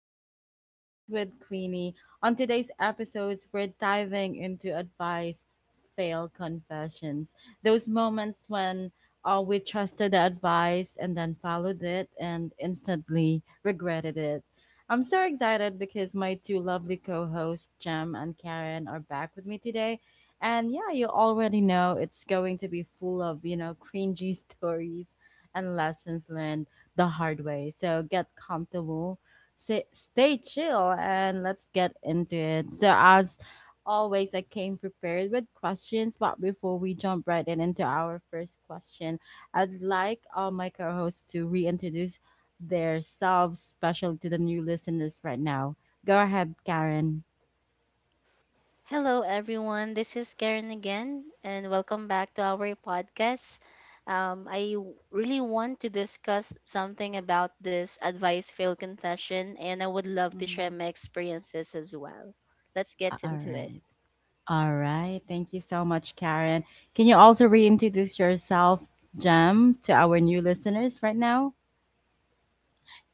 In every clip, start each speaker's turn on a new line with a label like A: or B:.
A: back to Chill Talks with Queenie. On today's episodes, we're diving into advice, fail confessions, those moments when we trusted the advice and then followed it and instantly regretted it. I'm so excited because my two lovely co hosts, Jem and Karen, are back with me today. And yeah, you already know it's going to be full of, cringy stories and lessons learned the hard way. So get comfortable, sit, stay chill, and let's get into it. So, as always, I came prepared with questions, but before we jump right in into our first question, I'd like all my co hosts to reintroduce themselves, especially to the new listeners right now. Go ahead, Karen.
B: Hello, everyone. This is Karen again, and welcome back to our podcast. Really want to discuss something about this advice fail confession, and I would love to share
A: Mhm.
B: my experiences as well. Let's get
A: All
B: into it.
A: right. All right. Thank you so much, Karen. Can you also reintroduce yourself, Jem, to our new listeners right now?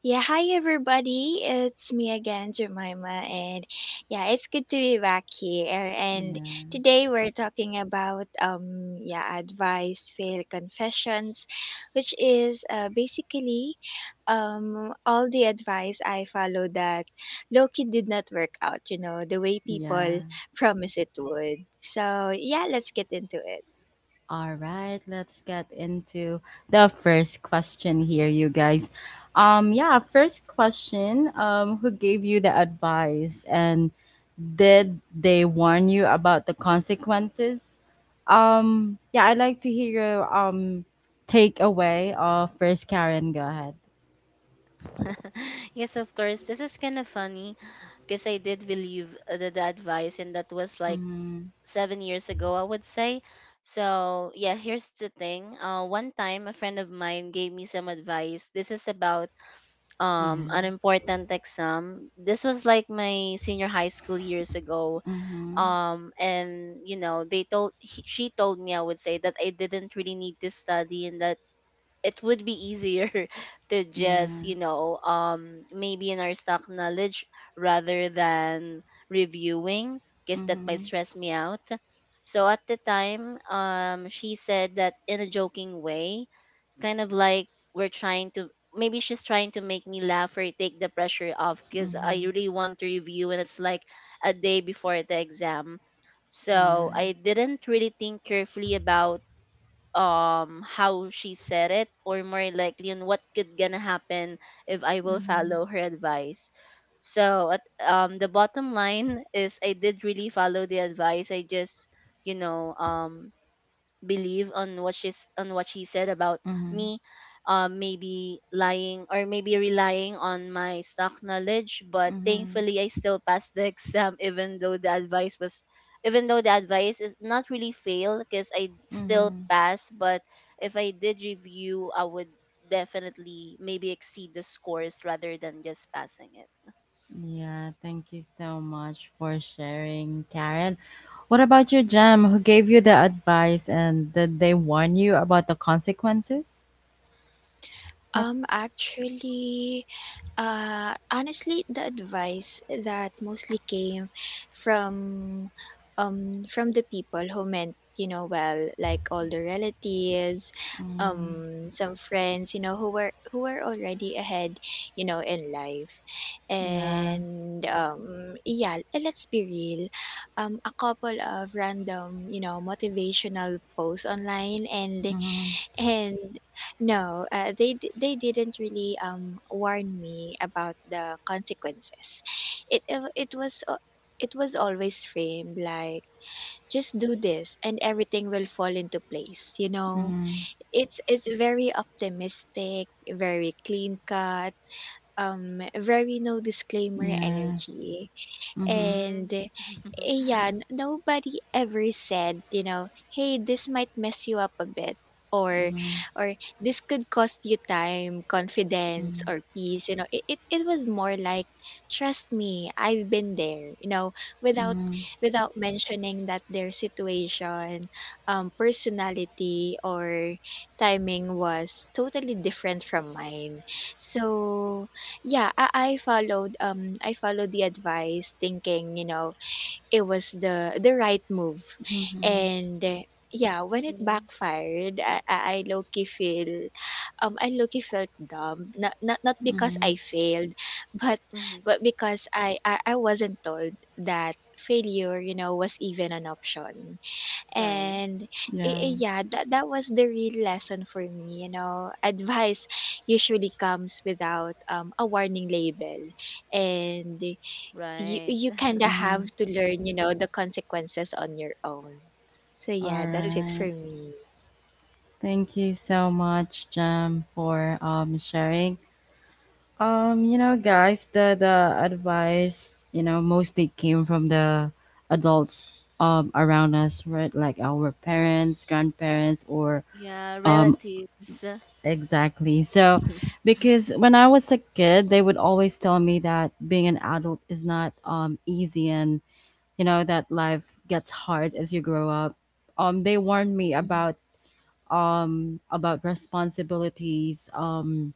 C: Yeah, hi everybody. It's me again, Jemima, and yeah, it's good to be back here. And
A: Yeah,
C: today we're talking about yeah, advice, fail confessions, which is basically all the advice I follow that Loki did not work out, you know, the way people
A: yeah.
C: promise it would. So, yeah, let's get into it.
A: All right, let's get into the first question here, you guys. Yeah, first question. Who gave you the advice and did they warn you about the consequences? Yeah, I'd like to hear your takeaway of first Karen. Go ahead.
B: Yes, of course, this is kind of funny because I did believe the advice, and that was like
A: Mm-hmm.
B: 7 years ago, I would say. So, yeah, here's the thing. One time, a friend of mine gave me some advice. This is about an
A: Yeah.
B: important exam. This was like my senior high school years ago.
A: Mm-hmm.
B: And she told me, I would say, that I didn't really need to study and that it would be easier to just,
A: Yeah.
B: maybe, in our stock knowledge rather than reviewing, because that might
A: Mm-hmm.
B: stress me out. So at the time, she said that in a joking way, kind of like we're trying to, maybe she's trying to make me laugh or take the pressure off, because I
A: Mm-hmm.
B: really want to review and it's like a day before the exam. So I
A: Yeah.
B: didn't really think carefully about how she said it, or more likely on what could gonna happen if I will
A: Mm-hmm.
B: follow her advice. So at the bottom line is, I did really follow the advice. I just, you know um believe on what she's on what she said about
A: Mm-hmm.
B: me, maybe lying, or maybe relying on my stock knowledge. But
A: Mm-hmm.
B: thankfully I still passed the exam, even though the advice is not really fail because I still
A: Mm-hmm.
B: pass. But if I did review, I would definitely maybe exceed the scores rather than just passing it.
A: Yeah, thank you so much for sharing, Karen. What about your jam? Who gave you the advice and did they warn you about the consequences? Yep.
C: Actually, honestly, the advice that mostly came from, from the people who meant, you know, well, like all the relatives,
A: Mm,
C: some friends, you know, who were already ahead, you know, in life,
A: yeah.
C: and yeah, and let's be real, a couple of random, you know, motivational posts online and
A: Mm-hmm.
C: and no, they didn't really warn me about the consequences. It was it was always framed like just do this and everything will fall into place. You know,
A: Mm,
C: it's very optimistic, very clean cut, very no disclaimer
A: yeah.
C: energy.
A: Mm-hmm.
C: And
B: Mm.
C: yeah, nobody ever said, you know, hey, this might mess you up a bit or
A: Mm-hmm.
C: this could cost you time, confidence or peace. You know, it was more like trust me, I've been there, you know, without
A: Mm-hmm.
C: without mentioning that their situation, personality or timing was totally different from mine. So yeah, I followed the advice thinking, you know, it was the right move.
A: Mm-hmm.
C: And yeah, when it
B: you
C: backfired, I low-key felt dumb. Not because
A: Mm-hmm.
C: I failed, but
B: hmm.
C: but because I wasn't told that failure, you know, was even an option
B: Right.
C: and
A: Yeah.
C: yeah that was the real lesson for me, you know. Advice usually comes without a warning label, and you
B: Right.
C: you kind of
A: Mm-hmm.
C: have to learn, you know, the consequences on your own. So
A: All
C: yeah,
B: Uh,
C: that's it for
A: right.
C: me.
A: Thank you so much, Jam, for sharing. You know, guys, the advice, mostly came from the adults around us, right? Like our parents, grandparents, or
B: yeah,
A: um
B: relatives.
A: exactly. So,
B: Mm-hmm.
A: because when I was a kid, they would always tell me that being an adult is not easy, and you know that life gets hard as you grow up. They warned me about responsibilities,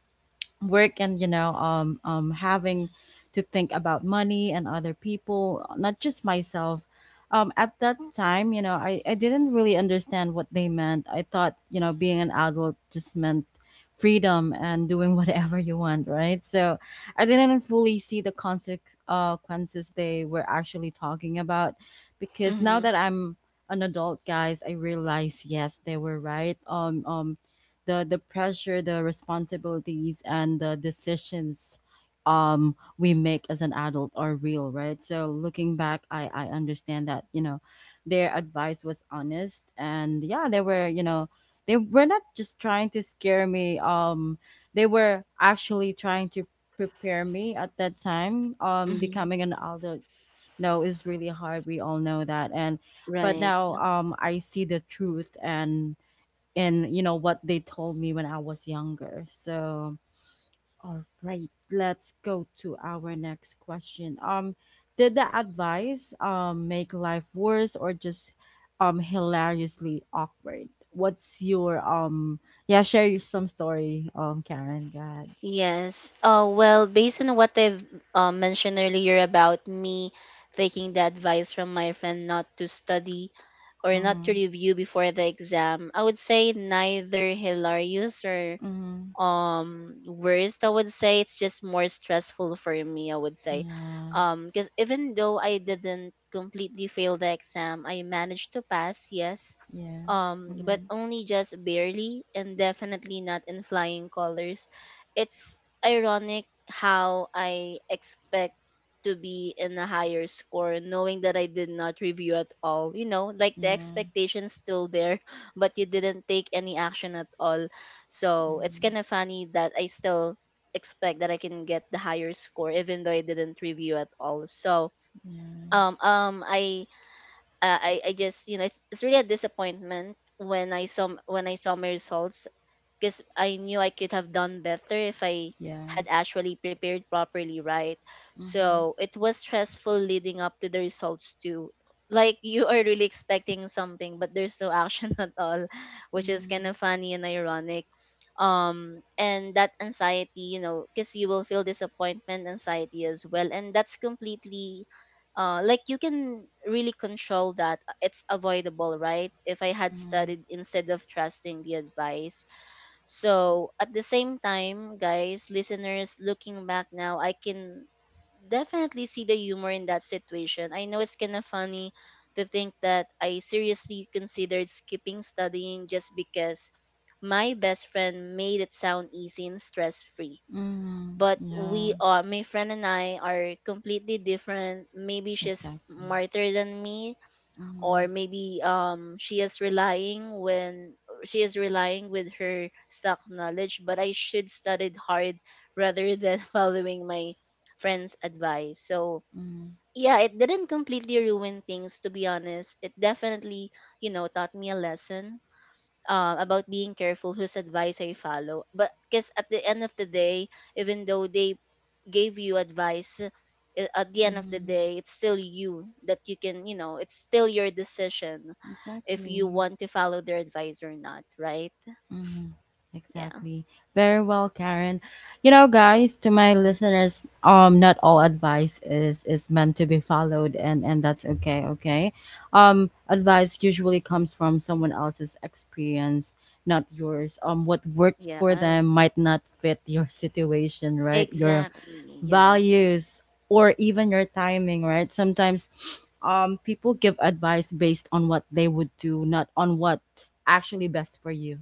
A: work and having to think about money and other people, not just myself. At that time, I didn't really understand what they meant. I thought, being an adult just meant freedom and doing whatever you want, right? So I didn't fully see the consequences they were actually talking about. Because now that I'm an adult, guys, I realize yes, they were right. The pressure, the responsibilities, and the decisions we make as an adult are real, right? So looking back, I understand that you know their advice was honest, and yeah, they were you know they were not just trying to scare me. They were actually trying to prepare me at that time.
B: Mm-hmm.
A: Becoming an adult no is really hard, we all know that. And but
B: Right.
A: now I see the truth and you know what they told me when I was younger. So, all right, let's go to our next question. Did the advice make life worse or just hilariously awkward? What's your yeah, share your some story, Karen. Go ahead.
B: Yes. Well, based on what I've mentioned earlier about me taking the advice from my friend not to study or not to
A: Mm-hmm.
B: review before the exam, I would say neither hilarious or
A: Mm-hmm.
B: worst. I would say it's just more stressful for me, I would say,
A: Yeah.
B: because even though I didn't completely fail the exam, I managed to pass, yes,
A: Yes.
B: but
A: Mm-hmm.
B: only just barely, and definitely not in flying colors. It's ironic how I expect to be in a higher score knowing that I did not review at all. You know, like the
A: Yeah.
B: expectation still there, but you didn't take any action at all. So it's
A: Mm-hmm.
B: kind of funny that I still expect that I can get the higher score even though I didn't review at all. So
A: Yeah.
B: um um I I just, you know, it's really a disappointment when I saw my results, because I knew I could have done better if I
A: Yeah.
B: had actually prepared properly, right?
A: Mm-hmm.
B: So it was stressful leading up to the results too. Like you are really expecting something, but there's no action at all, which is
A: Mm-hmm.
B: kind of funny and ironic. And that anxiety, you know, because you will feel disappointment, anxiety as well, and that's completely like you can really control that. It's avoidable, right? If I had
A: Mm-hmm.
B: studied instead of trusting the advice. So at the same time, guys, listeners, looking back now, I can definitely see the humor in that situation. I know it's kind of funny to think that I seriously considered skipping studying just because my best friend made it sound easy and stress free.
A: Mm-hmm.
B: But we
A: Yeah.
B: are, my friend and I are completely different. Maybe she's
A: Exactly.
B: smarter than me, or
A: Mhm,
B: maybe she is relying when she is relying with her stock knowledge, but I should studied hard rather than following my friend's advice. So
A: mhm,
B: yeah, it didn't completely ruin things, to be honest. It definitely, you know, taught me a lesson about being careful whose advice I follow. But because at the end of the day, even though they gave you advice, at the end of the
A: mhm.
B: day, it's still you that you can, you know, it's still your decision if you
A: Exactly.
B: want to follow their advice or not, right?
A: Mhm,
B: Yeah.
A: Exactly. Very well, Karen. You know, guys, to my listeners, not all advice is meant to be followed, and that's okay. Okay, advice usually comes from someone else's experience, not yours. What worked for them
B: Yes.
A: might not fit your situation, right? Your
B: Exactly. Yes.
A: values or even your timing, right? Sometimes people give advice based on what they would do, not on what's actually best for you,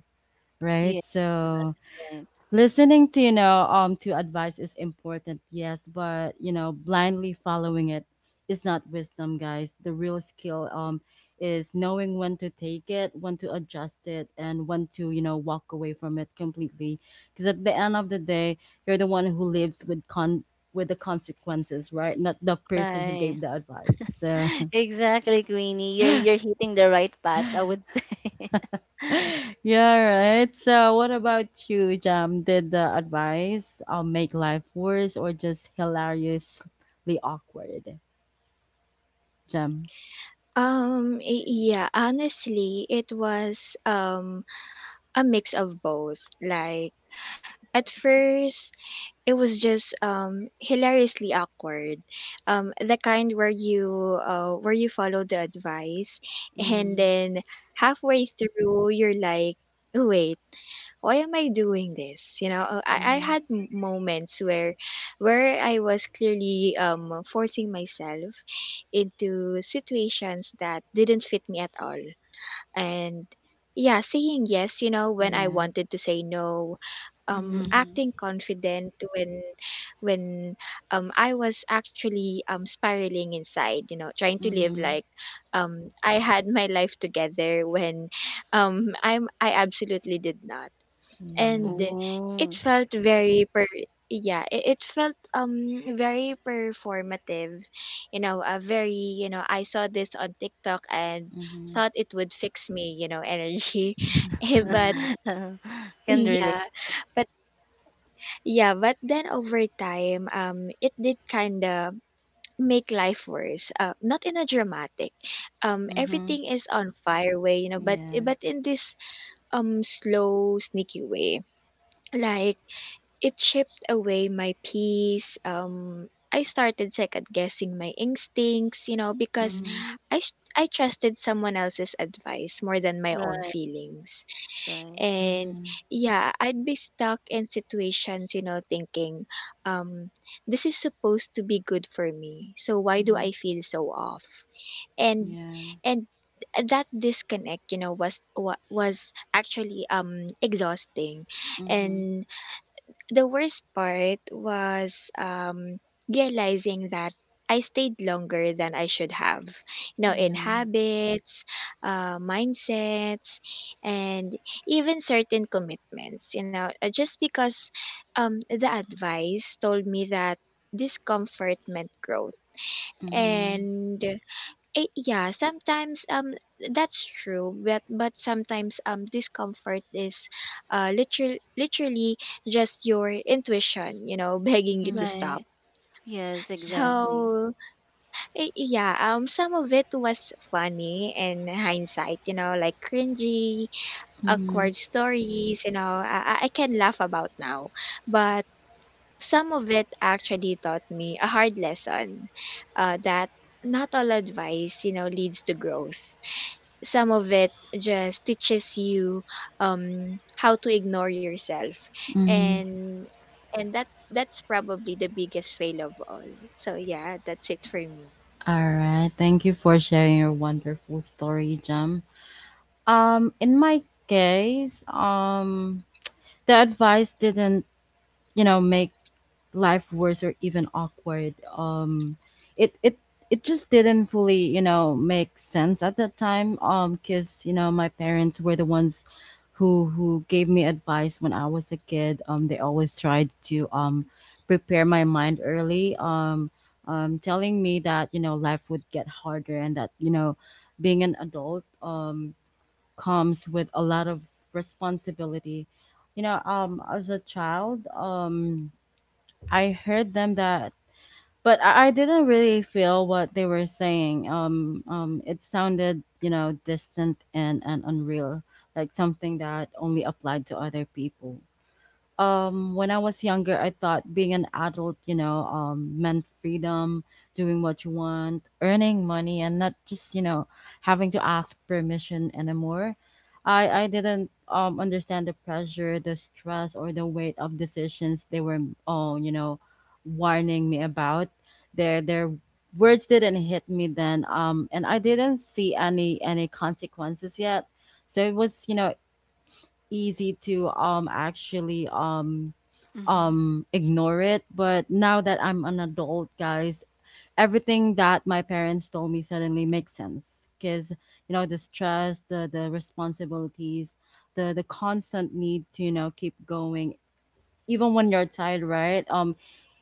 B: Yeah.
A: right?
B: That
A: So
B: is right.
A: listening to to advice is important, yes, but you know blindly following it is not wisdom, guys. The real skill is knowing when to take it, when to adjust it, and when to you know walk away from it completely. Because at the end of the day, you're the one who lives with con with the consequences, right, not the person who
B: Right.
A: gave the advice. So
B: Exactly, Queenie. You're hitting the right path, I would say.
A: yeah, right. So, what about you, Jam? Did the advice make life worse or just hilariously awkward, Jam?
C: Yeah, honestly, it was a mix of both. Like at first it was just hilariously awkward, the kind where you follow the advice and
A: Mm-hmm.
C: then halfway through you're like, "Oh, wait, why am I doing this, you know?" I
A: Mm-hmm.
C: had moments where I was clearly forcing myself into situations that didn't fit me at all, and yeah, saying yes, you know, when I
A: Yeah.
C: wanted to say no,
A: Mm-hmm.
B: Mm-hmm.
C: acting confident when I was actually spiraling inside, you know, trying to live
A: Mm-hmm.
C: like I had my life together when I absolutely did not. And
A: Yeah.
C: it felt very per yeah, it felt very performative, you know, a very, you know, I saw this on TikTok and
A: Mm-hmm.
C: thought it would fix me, you know, energy. Eh, but
A: Yeah.
B: Can relate.
C: yeah, but yeah, but then over time, it did kind of make life worse. Not in a dramatic,
A: Mhm.
C: everything is on fire way, you know,
A: Yeah.
C: but in this slow, sneaky way. Like it chipped away my peace. I started second guessing my instincts, you know, because
A: Mhm.
B: Hmm.
C: I trusted someone else's advice more than my own
B: Right,
C: feelings.
B: right,
C: And
A: Mhm.
C: yeah, I'd be stuck in situations, you know, thinking, um, this is supposed to be good for me. So why do
A: Mhm.
C: I feel so off? And
A: Yeah.
C: and that disconnect, you know, was actually exhausting.
A: Mhm.
C: And the worst part was realizing that I stayed longer than I should have, you know, in
A: Yeah.
C: habits, mindsets, and even certain commitments, you know, just because the advice told me that discomfort meant growth.
A: Mhm.
C: And yeah, sometimes that's true, but sometimes discomfort is literally just your intuition, you know, begging you to
A: Mhm.
B: right.
C: stop.
B: Yes,
C: So
B: exactly.
A: Yes.
C: yeah, some of it was funny in hindsight, you know, like cringy,
A: Mhm.
C: awkward stories, you know, I can laugh about now. But some of it actually taught me a hard lesson, that not all advice, you know, leads to growth. Some of it just teaches you how to ignore yourself,
A: Mhm.
C: and that that's probably the biggest fail of all. So yeah, that's it for me.
A: All right. Thank you for sharing your wonderful story, Jam. In my case, the advice didn't, you know, make life worse or even awkward. It it it just didn't fully you know make sense at that time. Because you know my parents were the ones who gave me advice when I was a kid. They always tried to prepare my mind early. Telling me that you know life would get harder and that you know being an adult comes with a lot of responsibility, you know, as a child, I heard them that, but I didn't really feel what they were saying. It sounded, you know, distant and unreal, like something that only applied to other people. When I was younger, I thought being an adult, meant freedom, doing what you want, earning money, and not just, you know, having to ask permission anymore. I didn't understand the pressure, the stress, or the weight of decisions they were oh, you know, warning me about. Their words didn't hit me then. And I didn't see any consequences yet. So it was, you know, easy to actually
B: Mm-hmm.
A: ignore it. But now that I'm an adult, guys, everything that my parents told me suddenly makes sense. Because you know the stress, the responsibilities, the constant need to you know keep going even when you're tired, right?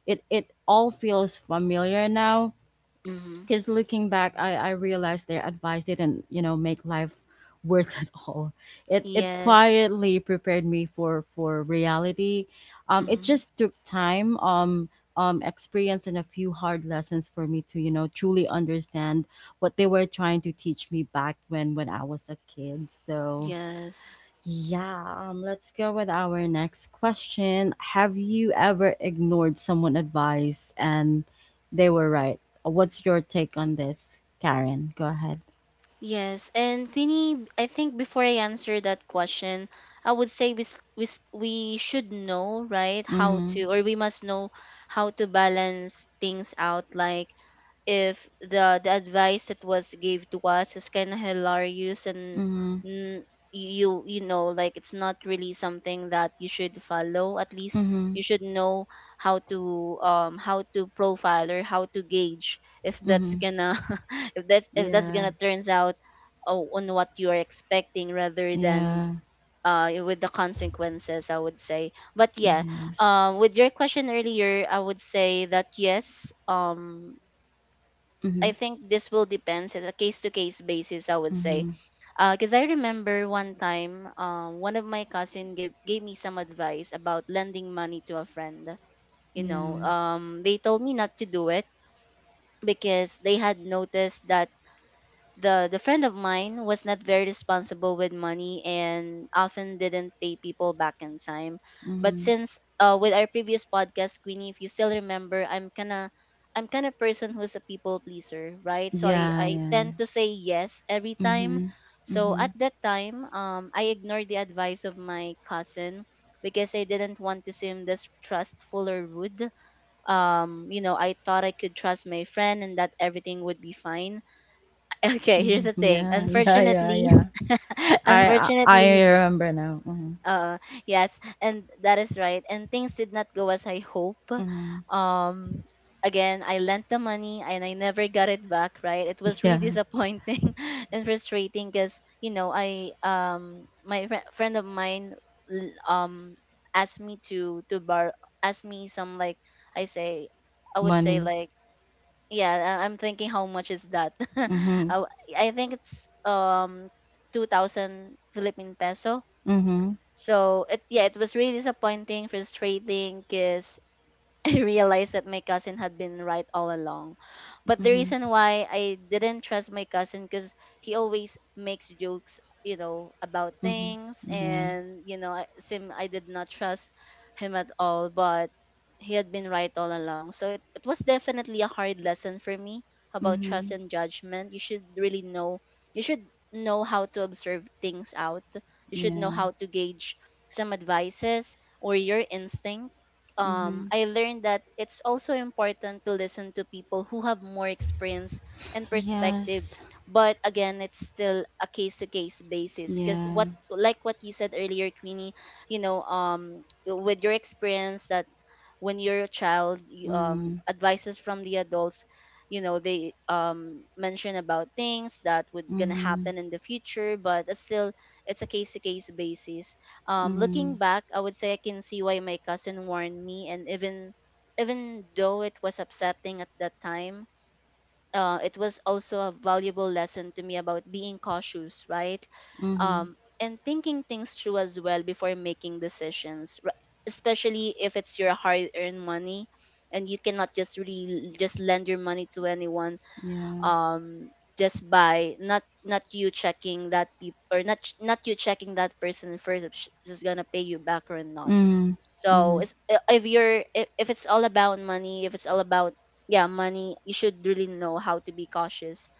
A: it it all feels familiar now.
B: Mm-hmm.
A: Because looking back, I realized their advice didn't you know make life worse at all. It
B: Yes.
A: quietly prepared me for reality. It
B: Mm-hmm.
A: just took time, experience, and a few hard lessons for me to you know truly understand what they were trying to teach me back when I was a kid. So
B: Yes.
A: yeah, let's go with our next question. Have you ever ignored someone' advice and they were right? What's your take on this, Karen? Go ahead.
B: Yes, and Queenie, I think before I answer that question, I would say we, we should know, right, how
A: Mm-hmm.
B: to, or we must know how to balance things out. Like if the advice that was gave to us is kind of hilarious and
A: Mm-hmm.
B: n- you you know, like it's not really something that you should follow, at least
A: Mm-hmm.
B: you should know how to, how to profile or how to gauge if that's
A: Mm-hmm.
B: gonna if that's
A: Yeah.
B: gonna turns out on what you are expecting rather than
A: Yeah.
B: with the consequences, I would say. But yeah,
A: Yes.
B: with your question earlier, I would say that yes,
A: Mm-hmm.
B: I think this will depends on a case to case basis, I would say,
A: Mm-hmm.
B: because I remember one time, one of my cousin gave me some advice about lending money to a friend. You know,
A: Yeah.
B: they told me not to do it because they had noticed that the friend of mine was not very responsible with money and often didn't pay people back in time. But
A: Mm-hmm.
B: since with our previous podcast, Queenie, if you still remember, I'm kind of person who's a people pleaser, right? So
A: Yeah.
B: I
A: Yeah.
B: tend to say yes every time.
A: Mm-hmm.
B: So
A: Mm-hmm.
B: at that time, I ignored the advice of my cousin because I didn't want to seem distrustful or rude. You know, I thought I could trust my friend and that everything would be fine. Okay, here's the
A: Mm-hmm.
B: thing.
A: Yeah. Yeah. Yeah.
B: Unfortunately,
A: Yeah. I I,
B: unfortunately
A: I remember now. Mm-hmm.
B: uh yes, and that is right, and things did not go as I hope.
A: Mm-hmm.
B: um Again, I lent the money and I never got it back, right? It was really
A: Yeah.
B: disappointing and frustrating because, you know, I my friend of mine, l- um asked me to bar asked me some, like, i say I would say,
A: Money.
B: like, yeah, I- I'm thinking, how much is that?
A: Mm-hmm.
B: I I think it's 2000 Philippine peso.
A: Mhm.
B: So it, yeah, it was really disappointing, frustrating, cuz I realized that my cousin had been right all along. But the
A: Mhm.
B: reason why I didn't trust my cousin, because he always makes jokes, you know, about
A: Mhm.
B: things,
A: Yeah.
B: and you know, I- sim I did not trust him at all. But he had been right all along, so it was definitely a hard lesson for me about trust
A: Mhm.
B: and judgment. You should really know. You should know how to observe things out. You should know
A: Yeah.
B: how to gauge some advices or your instinct.
A: Mhm.
B: I learned that it's also important to listen to people who have more experience and perspective.
A: Yes.
B: But again, it's still a case to case basis, because what,
A: Yeah.
B: like what you said earlier, Queenie, you know, with your experience that when you're a child you,
A: Mm.
B: advices from the adults, you know, they mention about things that would gonna
A: Mhm.
B: happen in the future, but it's still, it's a case to case basis. Looking
A: Mhm.
B: back, I would say I can see why my cousin warned me, and even though it was upsetting at that time, it was also a valuable lesson to me about being cautious, right?
A: Mhm.
B: And thinking things through as well before making decisions, especially if it's your hard earned money, and you cannot just really just lend your money to anyone,
A: Yeah.
B: um just by not you checking that people, or not you checking that person first, if she's gonna pay you back or not.
A: Mm.
B: So
A: Mhm.
B: it's, if you're if it's all about money, if it's all about, yeah, money, you should really know how to be cautious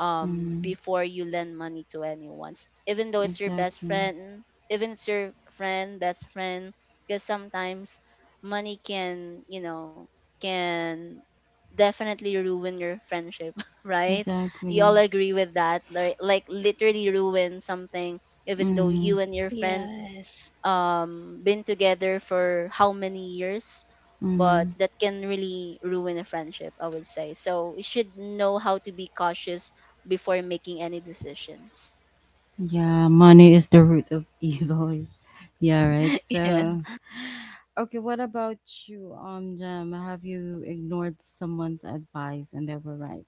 A: Mm.
B: before you lend money to anyone. Even though it's your best
A: Exactly.
B: friend, even it's your friend best friend, because sometimes money can, you know, can definitely ruin your friendship, right? You all
A: Exactly.
B: agree with that, like literally ruin something, even though
A: Mhm.
B: you and your friend
C: Yes.
B: been together for how many years, but
A: Mhm.
B: that can really ruin a friendship, I would say. So you should know how to be cautious before making any decisions.
A: Yeah. Money is the root of evil. Yeah. Right.
B: Yeah.
A: So. Okay, what about you, Jam? Have you ignored someone's advice and they were right?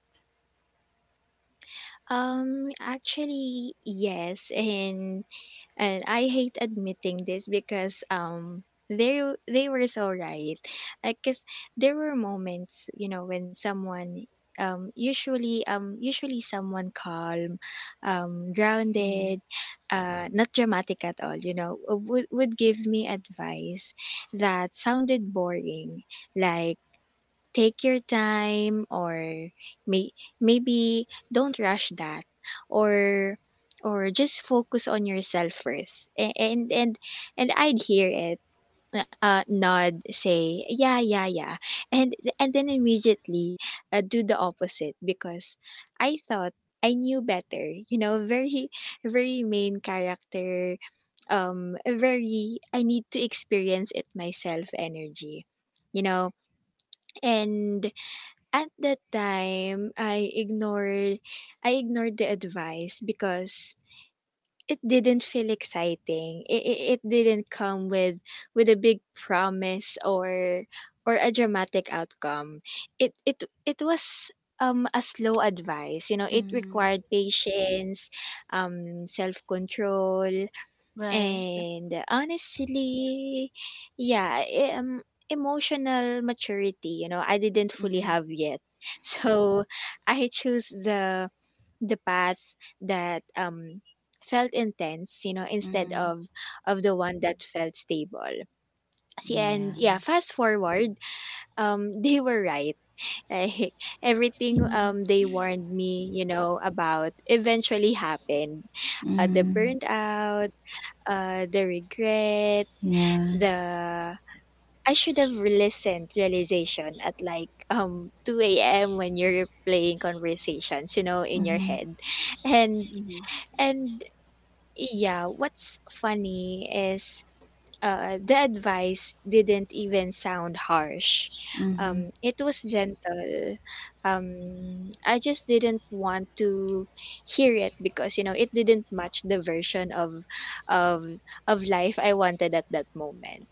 C: Actually, yes, and I hate admitting this because they they were so right. Like, cause there were moments, you know, when someone usually someone calm, grounded, not dramatic at all, you know, would give me advice that sounded boring, like take your time, or may, maybe don't rush that, or just focus on yourself first. And and I'd hear it, nod, say yeah, yeah, yeah, and then immediately do the opposite because I thought I knew better, you know, very main character, very "I need to experience it myself" energy, you know. And at that time I ignored the advice because it didn't feel exciting. It didn't come with a big promise or a dramatic outcome. It was a slow advice. You know, it
A: Mm-hmm.
C: required patience, self-control.
B: Right.
C: And honestly, yeah, emotional maturity, you know, I didn't fully
A: Mhm,
C: have yet. So I choose the path that felt intense, you know, instead
A: mhm.
C: of the one that felt stable. See, and
A: Yeah.
C: yeah, fast forward, they were right. Like everything
B: Hmm.
C: they warned me, you know, about eventually happened. The
A: Mhm.
C: burnt out, the regret,
A: Yeah.
C: the I should have listened realization at like 2 a.m. when you're playing conversations, you know, in your
A: Mhm,
C: head. And and yeah, what's funny is the advice didn't even sound harsh.
A: mhm,
C: It was gentle. I just didn't want to hear it because you know it didn't match the version of life I wanted at that moment.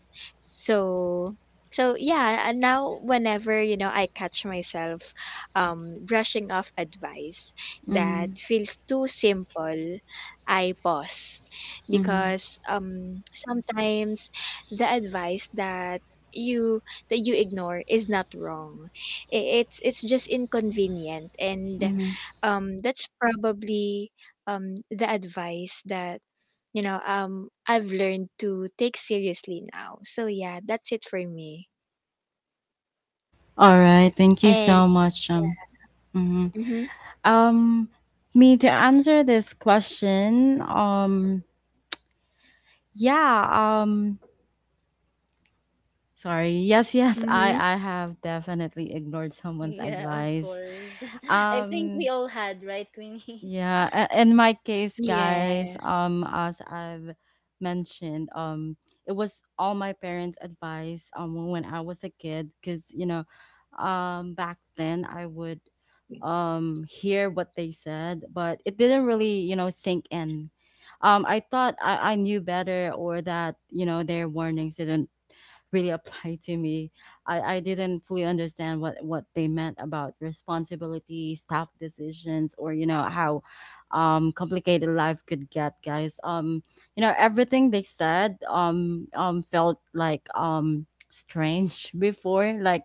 C: So so yeah, and now whenever you know I catch myself brushing off advice that
A: mhm,
C: feels too simple, I pause
A: mhm,
C: because sometimes the advice you that you ignore is not wrong. I- it's just inconvenient, and
A: mhm.
C: that's probably the advice that you know I've learned to take seriously now. So yeah, that's it for me.
A: All right. Thank you
C: And
A: so much.
C: yeah.
A: Mhm.
C: Mhm.
A: Um. Me to answer this question. Yeah. Sorry. Yes. Yes.
C: Mhm.
A: I. I have definitely ignored someone's
B: Yeah, of
A: advice.
B: course. I think
A: Um.
B: we all had, right, Queenie?
A: Yeah, a- in my case, guys,
C: Yes.
A: as I've mentioned, it was all my parents' advice when I was a kid. Because you know, back then I would hear what they said, but it didn't really you know sink in. I thought I knew better, or that you know their warnings didn't really applied to me. I didn't fully understand what they meant about responsibility, staff decisions, or, you know, how complicated life could get, guys. You know, everything they said felt like strange before. Like,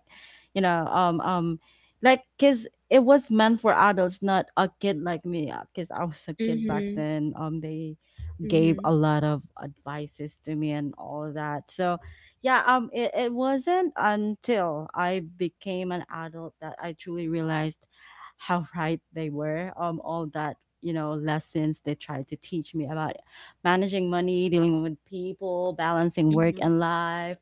A: you know, um, um, like, because it was meant for adults, not a kid like me, because I was a kid back
C: Mhm.
A: then. They gave
C: Mhm.
A: a lot of advices to me and all that. So, yeah it, it wasn't until I became an adult that I truly realized how right they were. All that you know lessons they tried to teach me about managing money, dealing with people, balancing work
B: Hmm.
A: and life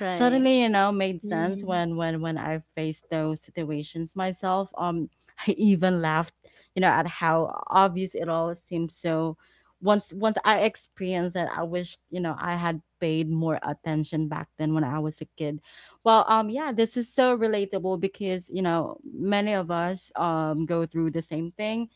B: Right.
A: suddenly you know made sense
C: Mhm.
A: when when I faced those situations myself. I even laughed you know at how obvious it all seemed. So once I experienced that, I wish you know I had paid more attention back then when I was a kid. Well, yeah, this is so relatable because you know many of us go through the same thing.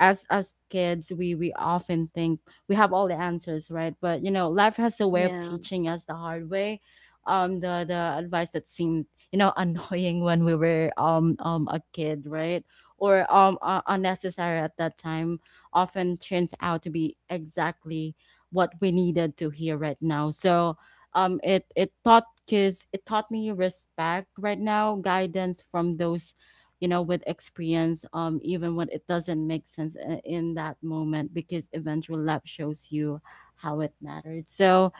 A: As kids, we often think we have all the answers, right? But you know life has a way of
B: Yeah.
A: teaching us the hard way. The advice that seemed, you know, annoying when we were a kid, right? Or unnecessary at that time often turns out to be exactly what we needed to hear right now. So it taught kids, it taught me respect right now, guidance from those, you know, with experience, even when it doesn't make sense in that moment, because eventual love shows you how it mattered. So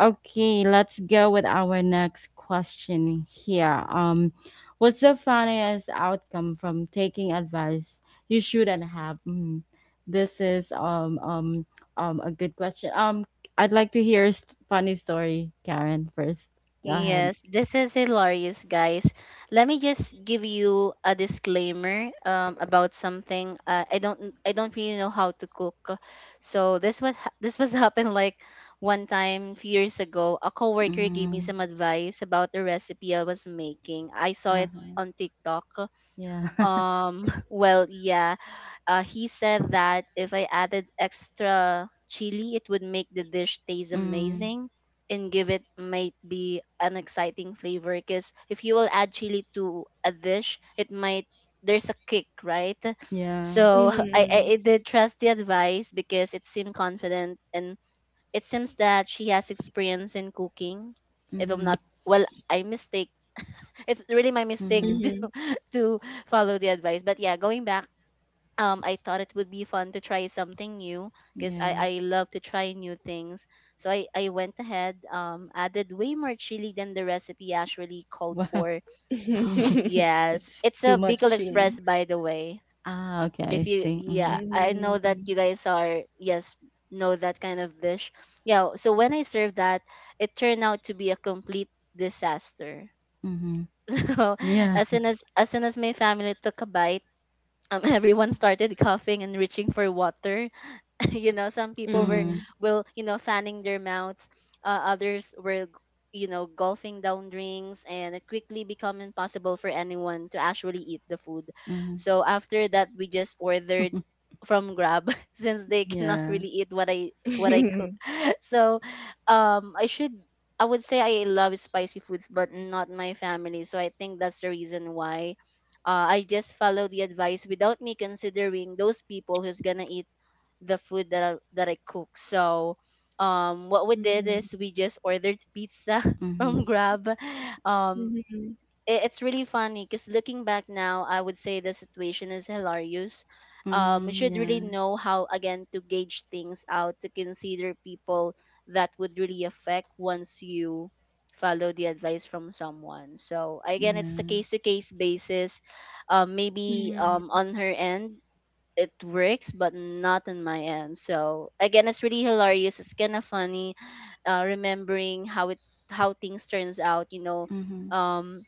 A: okay, let's go with our next question here. What's the funniest outcome from taking advice you shouldn't have? Mhm. This is a good question. I'd like to hear a funny story, Karen, first. Go ahead.
B: Yes, this is hilarious, guys. Let me just give you a disclaimer about something. I don't really know how to cook, so this this was happened like one time few years ago. A coworker gave me
A: Mm.
B: some advice about the recipe I was making. I saw
A: uh,
B: it on TikTok.
A: yeah.
B: um, well, yeah. He said that if I added extra chili, it would make the dish taste
A: Mm.
B: amazing and give it might be an exciting flavor. Because if you will add chili to a dish, it might there's a kick, right?
A: Yeah.
B: So I, I
C: Mhm.
B: I did trust the advice because it seemed confident, and it seems that she has experience in cooking. If I'm
A: Mhm.
B: not I mistake, it's really my mistake
A: Mhm.
C: Mhm.
B: to follow the advice. But yeah, going back, I thought it would be fun to try something new because I
A: Yeah.
B: I love to try new things. So I went ahead, added way more chili than the recipe actually called
A: Wow.
B: for.
A: Mhm.
B: Yes,
A: That's
B: it's
A: too
B: a
A: much
B: Bicol
A: chili.
B: Express, by the way.
A: Ah, okay,
B: If
A: I
B: you,
A: see.
B: yeah,
A: Mhm.
B: I know that
C: Mhm.
B: you guys are, yes, know that kind of dish. Yeah, so when I served that, it turned out to be a complete disaster.
A: Mhm. Yeah.
B: as soon as as soon as my family took a bite, everyone started coughing and reaching for water. Some people were
A: Mm.
C: Mhm.
B: will fanning their mouths. Others were gulping down drinks, and it quickly become impossible for anyone to actually eat the food.
A: Mhm.
B: So after that, we just ordered from Grab since they cannot
A: Yeah.
B: really eat what I so I should I would say I love spicy foods, but not my family. So I think that's the reason why I just follow the advice without me considering those people who's gonna eat the food that I cook. So what we did
C: Mhm.
B: is we just ordered pizza
A: Mhm.
B: from Grab. Um
C: Mhm.
B: it's really funny because looking back now, I would say the situation is hilarious. You
A: Mm,
B: should really
A: yeah.
B: know how again to gauge things out, to consider people that would really affect once you follow the advice from someone. So again, it's the
A: Yeah.
B: case to case basis. Um, maybe
C: Mhm.
B: um, on her end it works, but not on my end. So again, it's really hilarious. It's kind of funny, remembering how it how things turns out. You know,
A: Mhm.
B: um,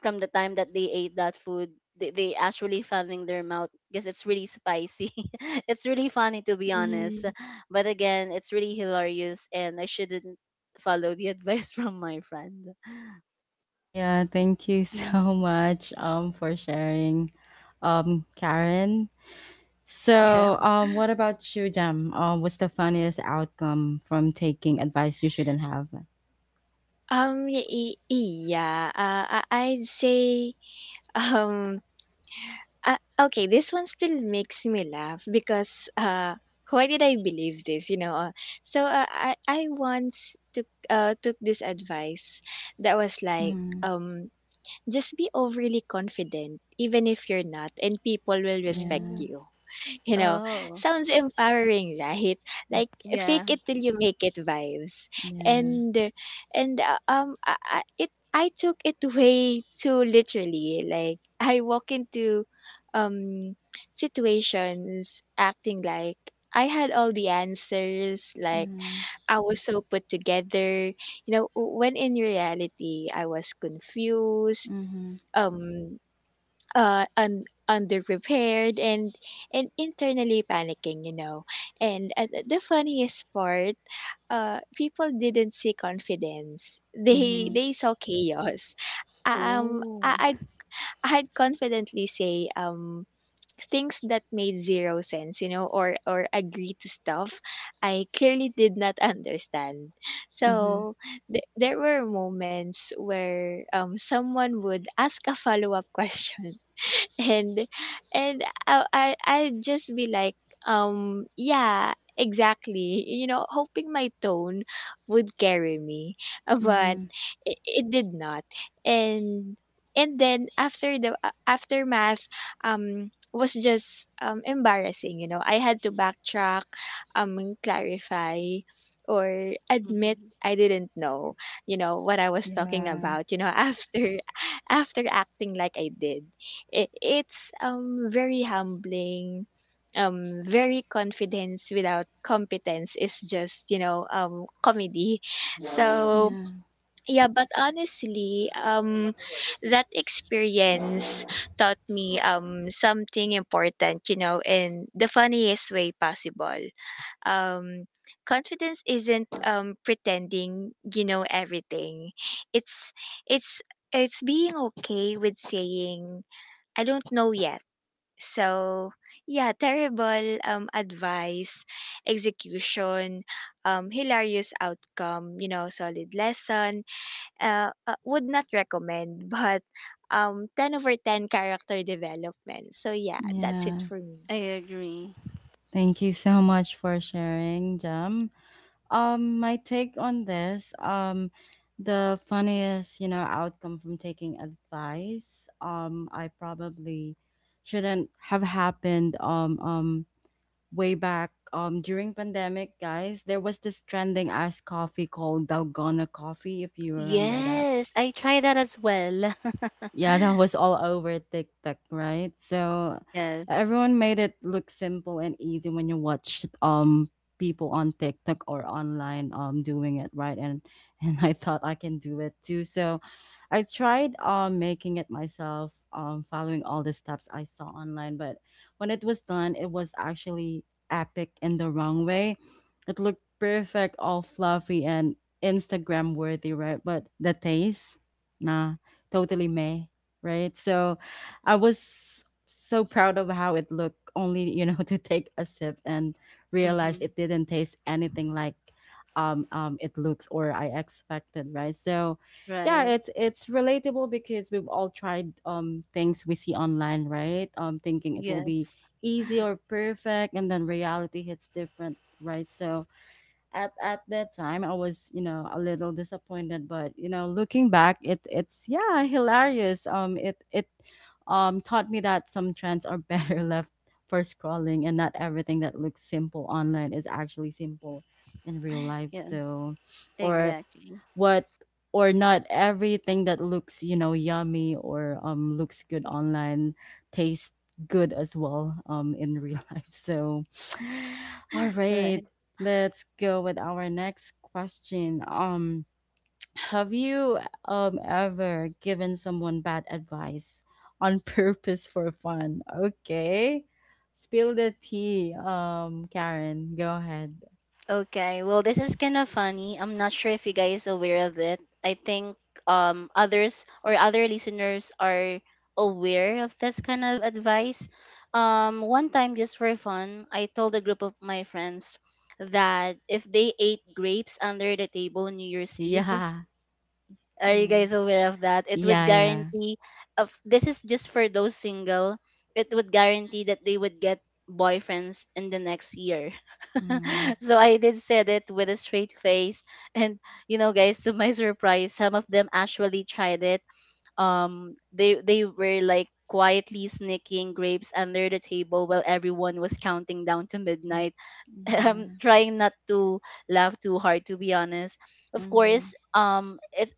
B: from the time that they ate that food, they actually fell in their mouth because it's really spicy. It's really funny, to be honest.
C: Mhm.
B: But again, it's really hilarious, and I shouldn't follow the advice from my friend.
A: Yeah, thank you
C: Mhm.
A: so much for sharing, Karen.
B: yeah.
A: So, what about you, Jam? What's the funniest outcome from taking advice you shouldn't have?
C: Um, y- y- yeah, I'd say, um, okay, this one still makes me laugh because, why did I believe this, you know? I once took, took this advice that was like,
A: Mm,
C: um, just be overly confident, even if you're not, and people will respect
A: yeah.
B: Oh.
C: you. You know,
B: Oh.
C: sounds empowering, right? Like
B: Yeah.
C: fake it till you make it vibes.
A: Yeah.
C: And I- it I took it way too literally. Like I walk into um situations acting like I had all the answers, like
A: Mm-hmm.
C: I was so put together. You know, w- when in reality, I was confused
A: Mm-hmm.
C: um uh un- underprepared and internally panicking, you know. And the funniest part, uh, people didn't see confidence. they
A: Mhm,
C: they saw chaos. um I,
B: Oh.
C: I'd I'd confidently say things that made zero sense, you know, or agree to stuff I clearly did not understand.
A: mhm,
C: So there were moments where someone would ask a follow-up question and I'd just be like, yeah, exactly. You know, hoping my tone would carry me. But
A: mhm.
C: it did not. And then after the aftermath, was just embarrassing. You know, I had to backtrack, um, clarify, or admit
B: Hmm.
C: I didn't know, you know, what I was talking
A: Yeah,
C: about, you know, after acting like I did. It, it's very humbling, very, confidence without competence is just you know comedy. So
A: yeah,
C: yeah, but honestly that experience taught me something important, you know, in the funniest way possible. Um confidence isn't pretending you know everything. it's it's it's being okay with saying I don't know yet. So, yeah, terrible advice, execution, hilarious outcome, you know, solid lesson. Would not recommend, but ten over ten character development. So, yeah, that's it
A: yeah.
C: for me.
B: I agree.
A: Thank you so much for sharing, Jam. My take on this, the funniest, you know, outcome from taking advice, I probably shouldn't have happened. Way back, during pandemic, guys, there was this trending iced coffee called Dalgona coffee, if you remember that.
B: Yes, I try that as well.
A: Yeah, that was all over TikTok, right? So
B: Yes.
A: everyone made it look simple and easy when you watched people on TikTok or online doing it, right? And and I thought I can do it too. So I tried making it myself, following all the steps I saw online, but when it was done, it was actually epic in the wrong way. It looked perfect, all fluffy and Instagram worthy, right? But the taste, nah, totally May, right? So I was so proud of how it looked, only, you know, to take a sip and realized
B: Hmm.
A: it didn't taste anything like it looks or I expected, right? So yeah,
B: Right.
A: it's relatable because we've all tried things we see online, right? Thinking it will be
B: Yes.
A: easy or perfect, and then reality hits different, right? So at that time I was, you know, a little disappointed, but you know, looking back, it's yeah, hilarious. It taught me that some trends are better left for scrolling, and not everything that looks simple online is actually simple in real life.
B: Yeah.
A: So, or
B: Exactly.
A: what, or not everything that looks, you know, yummy or looks good online tastes good as well in real life. So all right,
B: Right.
A: let's go with our next question. Have you ever given someone bad advice on purpose for fun? Okay, spill the tea, Karen, go ahead.
B: Okay, well, this is kind of funny. I'm not sure if you guys aware of it. I think others or other listeners are aware of this kind of advice. One time just for fun, I told a group of my friends that if they ate grapes under the table on New Year's Eve —
A: Yeah.
B: are you
A: Mm.
B: guys aware of that? — it would
A: Yeah, yeah.
B: guarantee, of this is just for those single, it would guarantee that they would get boyfriends in the next year.
A: Mm.
B: So I did said it with a straight face, and you know guys, to my surprise, some of them actually tried it. They were like quietly sneaking grapes under the table while everyone was counting down to midnight. I'm
A: Yeah.
B: trying not to laugh too hard, to be honest. Of
A: Mm.
B: course it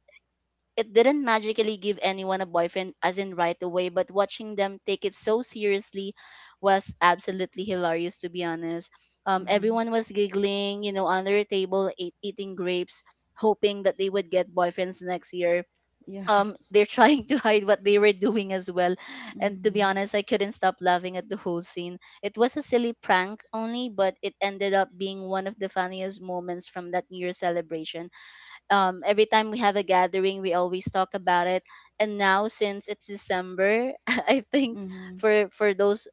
B: it didn't magically give anyone a boyfriend, as in right away, but watching them take it so seriously was absolutely hilarious, to be honest.
A: Mm-hmm.
B: Everyone was giggling, you know, under a table, eating grapes, hoping that they would get boyfriends next year.
A: Yeah.
B: They're trying to hide what they were doing as well. And to be
A: Mm.
B: honest, I couldn't stop laughing at the whole scene. It was a silly prank only, but it ended up being one of the funniest moments from that New Year celebration. Every time we have a gathering, we always talk about it. And now, since it's December, I think
A: Mm-hmm.
B: for those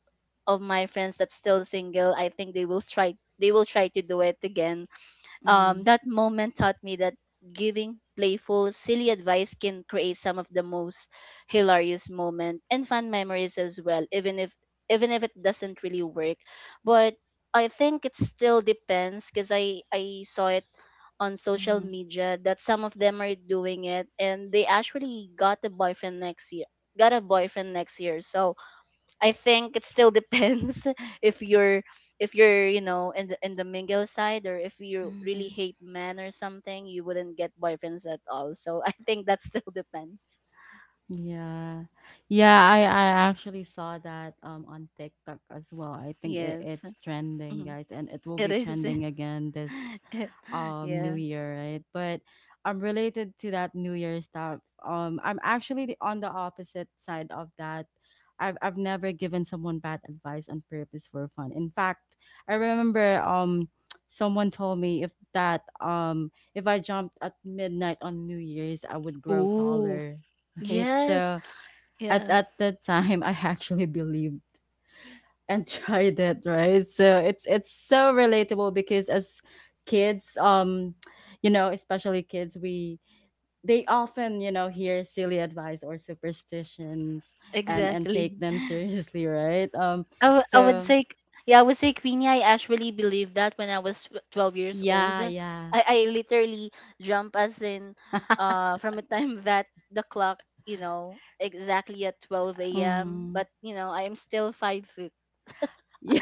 B: of my friends that's still single, I think they will try to do it again.
A: Mm.
B: That moment taught me that giving playful, silly advice can create some of the most hilarious moment and fun memories as well, even if it doesn't really work. But I think it still depends because I saw it on social
A: Mm-hmm.
B: media that some of them are doing it and they actually got a boyfriend next year, so I think it still depends. If you're if you're you know in the mingle side, or if you really
A: Mm-hmm.
B: hate men or something, you wouldn't get boyfriends at all, so I think that still depends.
A: Yeah. Yeah, I actually saw that on TikTok as well. I think it,
B: Yes.
A: it's trending,
B: Mhm.
A: guys, and it will
B: It
A: be
B: is.
A: trending again this new
B: Yeah.
A: year, right? But related to that new year stuff, I'm actually on the opposite side of that. I've never given someone bad advice on purpose for fun. In fact, I remember someone told me, if I jumped at midnight on New Year's, I would grow
B: Ooh.
A: taller. Right.
B: Yes.
A: So at,
B: Yeah.
A: at that time I actually believed and try that, right? So it's so relatable because as kids, you know, especially kids, we they often, you know, hear silly advice or superstitions, and
B: Exactly.
A: take them seriously, right?
B: I, w- I would
A: So
B: say, Yeah, I would say, Queenie, I actually believe that when I was 12 years old.
A: yeah, yeah.
B: I literally jump as in from a time that the clock, you know, exactly at 12 a.m. But,
A: Mm.
B: you know, I am still 5 foot.
A: Yeah,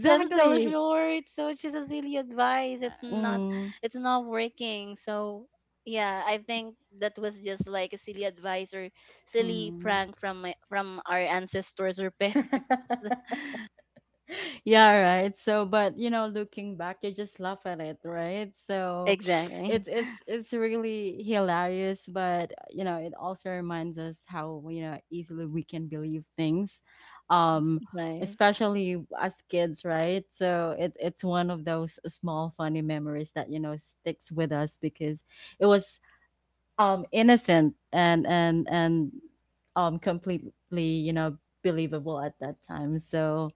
B: So I'm still short. So it's just a silly advice.
A: Mm.
B: It's not working. So yeah, I think that was just like a silly advice or silly
A: Mm.
B: prank from my, from our ancestors or parents.
A: Yeah, right. So but, you know, looking back you just laugh at it, right? So
B: Exactly.
A: it's it's it's really hilarious, but you know it also reminds us how, you know, easily we can believe things, um
B: Right.
A: especially as kids, right? So it's one of those small funny memories that, you know, sticks with us because it was innocent and completely, you know, believable at that time. So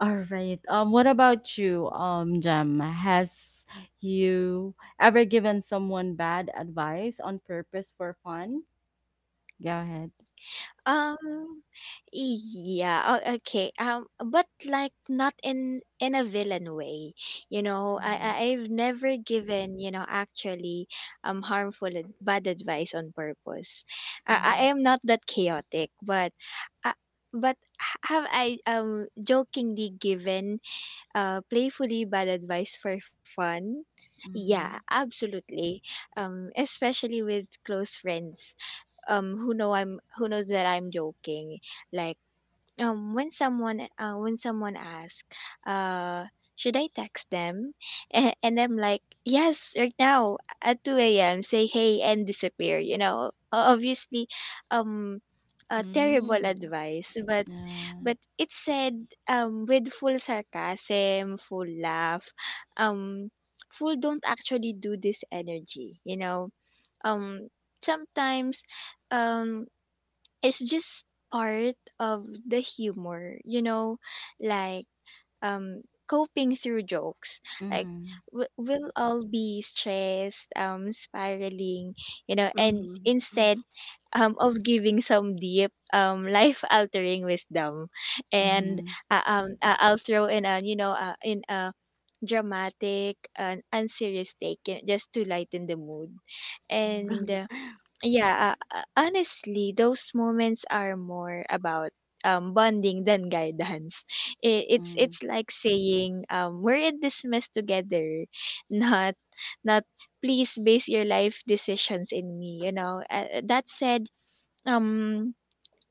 A: all right, what about you, Jem? Has you ever given someone bad advice on purpose for fun? Go ahead.
C: Um, yeah, okay. But like not in a villain way, you know.
A: Mhm,
C: I've never given you know actually bad advice on purpose. I
A: mhm,
C: am not that chaotic, uh, but have I jokingly given playfully bad advice for fun? Yeah,
A: mhm,
C: absolutely. Especially with close friends who knows that I'm joking. Like when someone asks, uh, should I text them? And I'm like, yes, right now at 2 a.m. Say hey and disappear. You know, obviously, um, terrible
B: Mm.
C: advice, but
A: yeah,
C: but it said with full sarcasm, full laugh, um, full don't actually do this energy. um, Sometimes um it's just part of the humor, like coping through jokes, like
A: mhm,
C: we'll all be stressed, spiraling, you know. And
B: Mm-hmm.
C: instead of giving some deep, life altering wisdom, and
A: mhm,
C: I'll throw in a in a dramatic and unserious take, just to lighten the mood. And yeah, honestly, those moments are more about bonding than guidance. It, it's
A: mhm,
C: it's like saying, we're in this mess together, not not please base your life decisions in me. You know. That said, um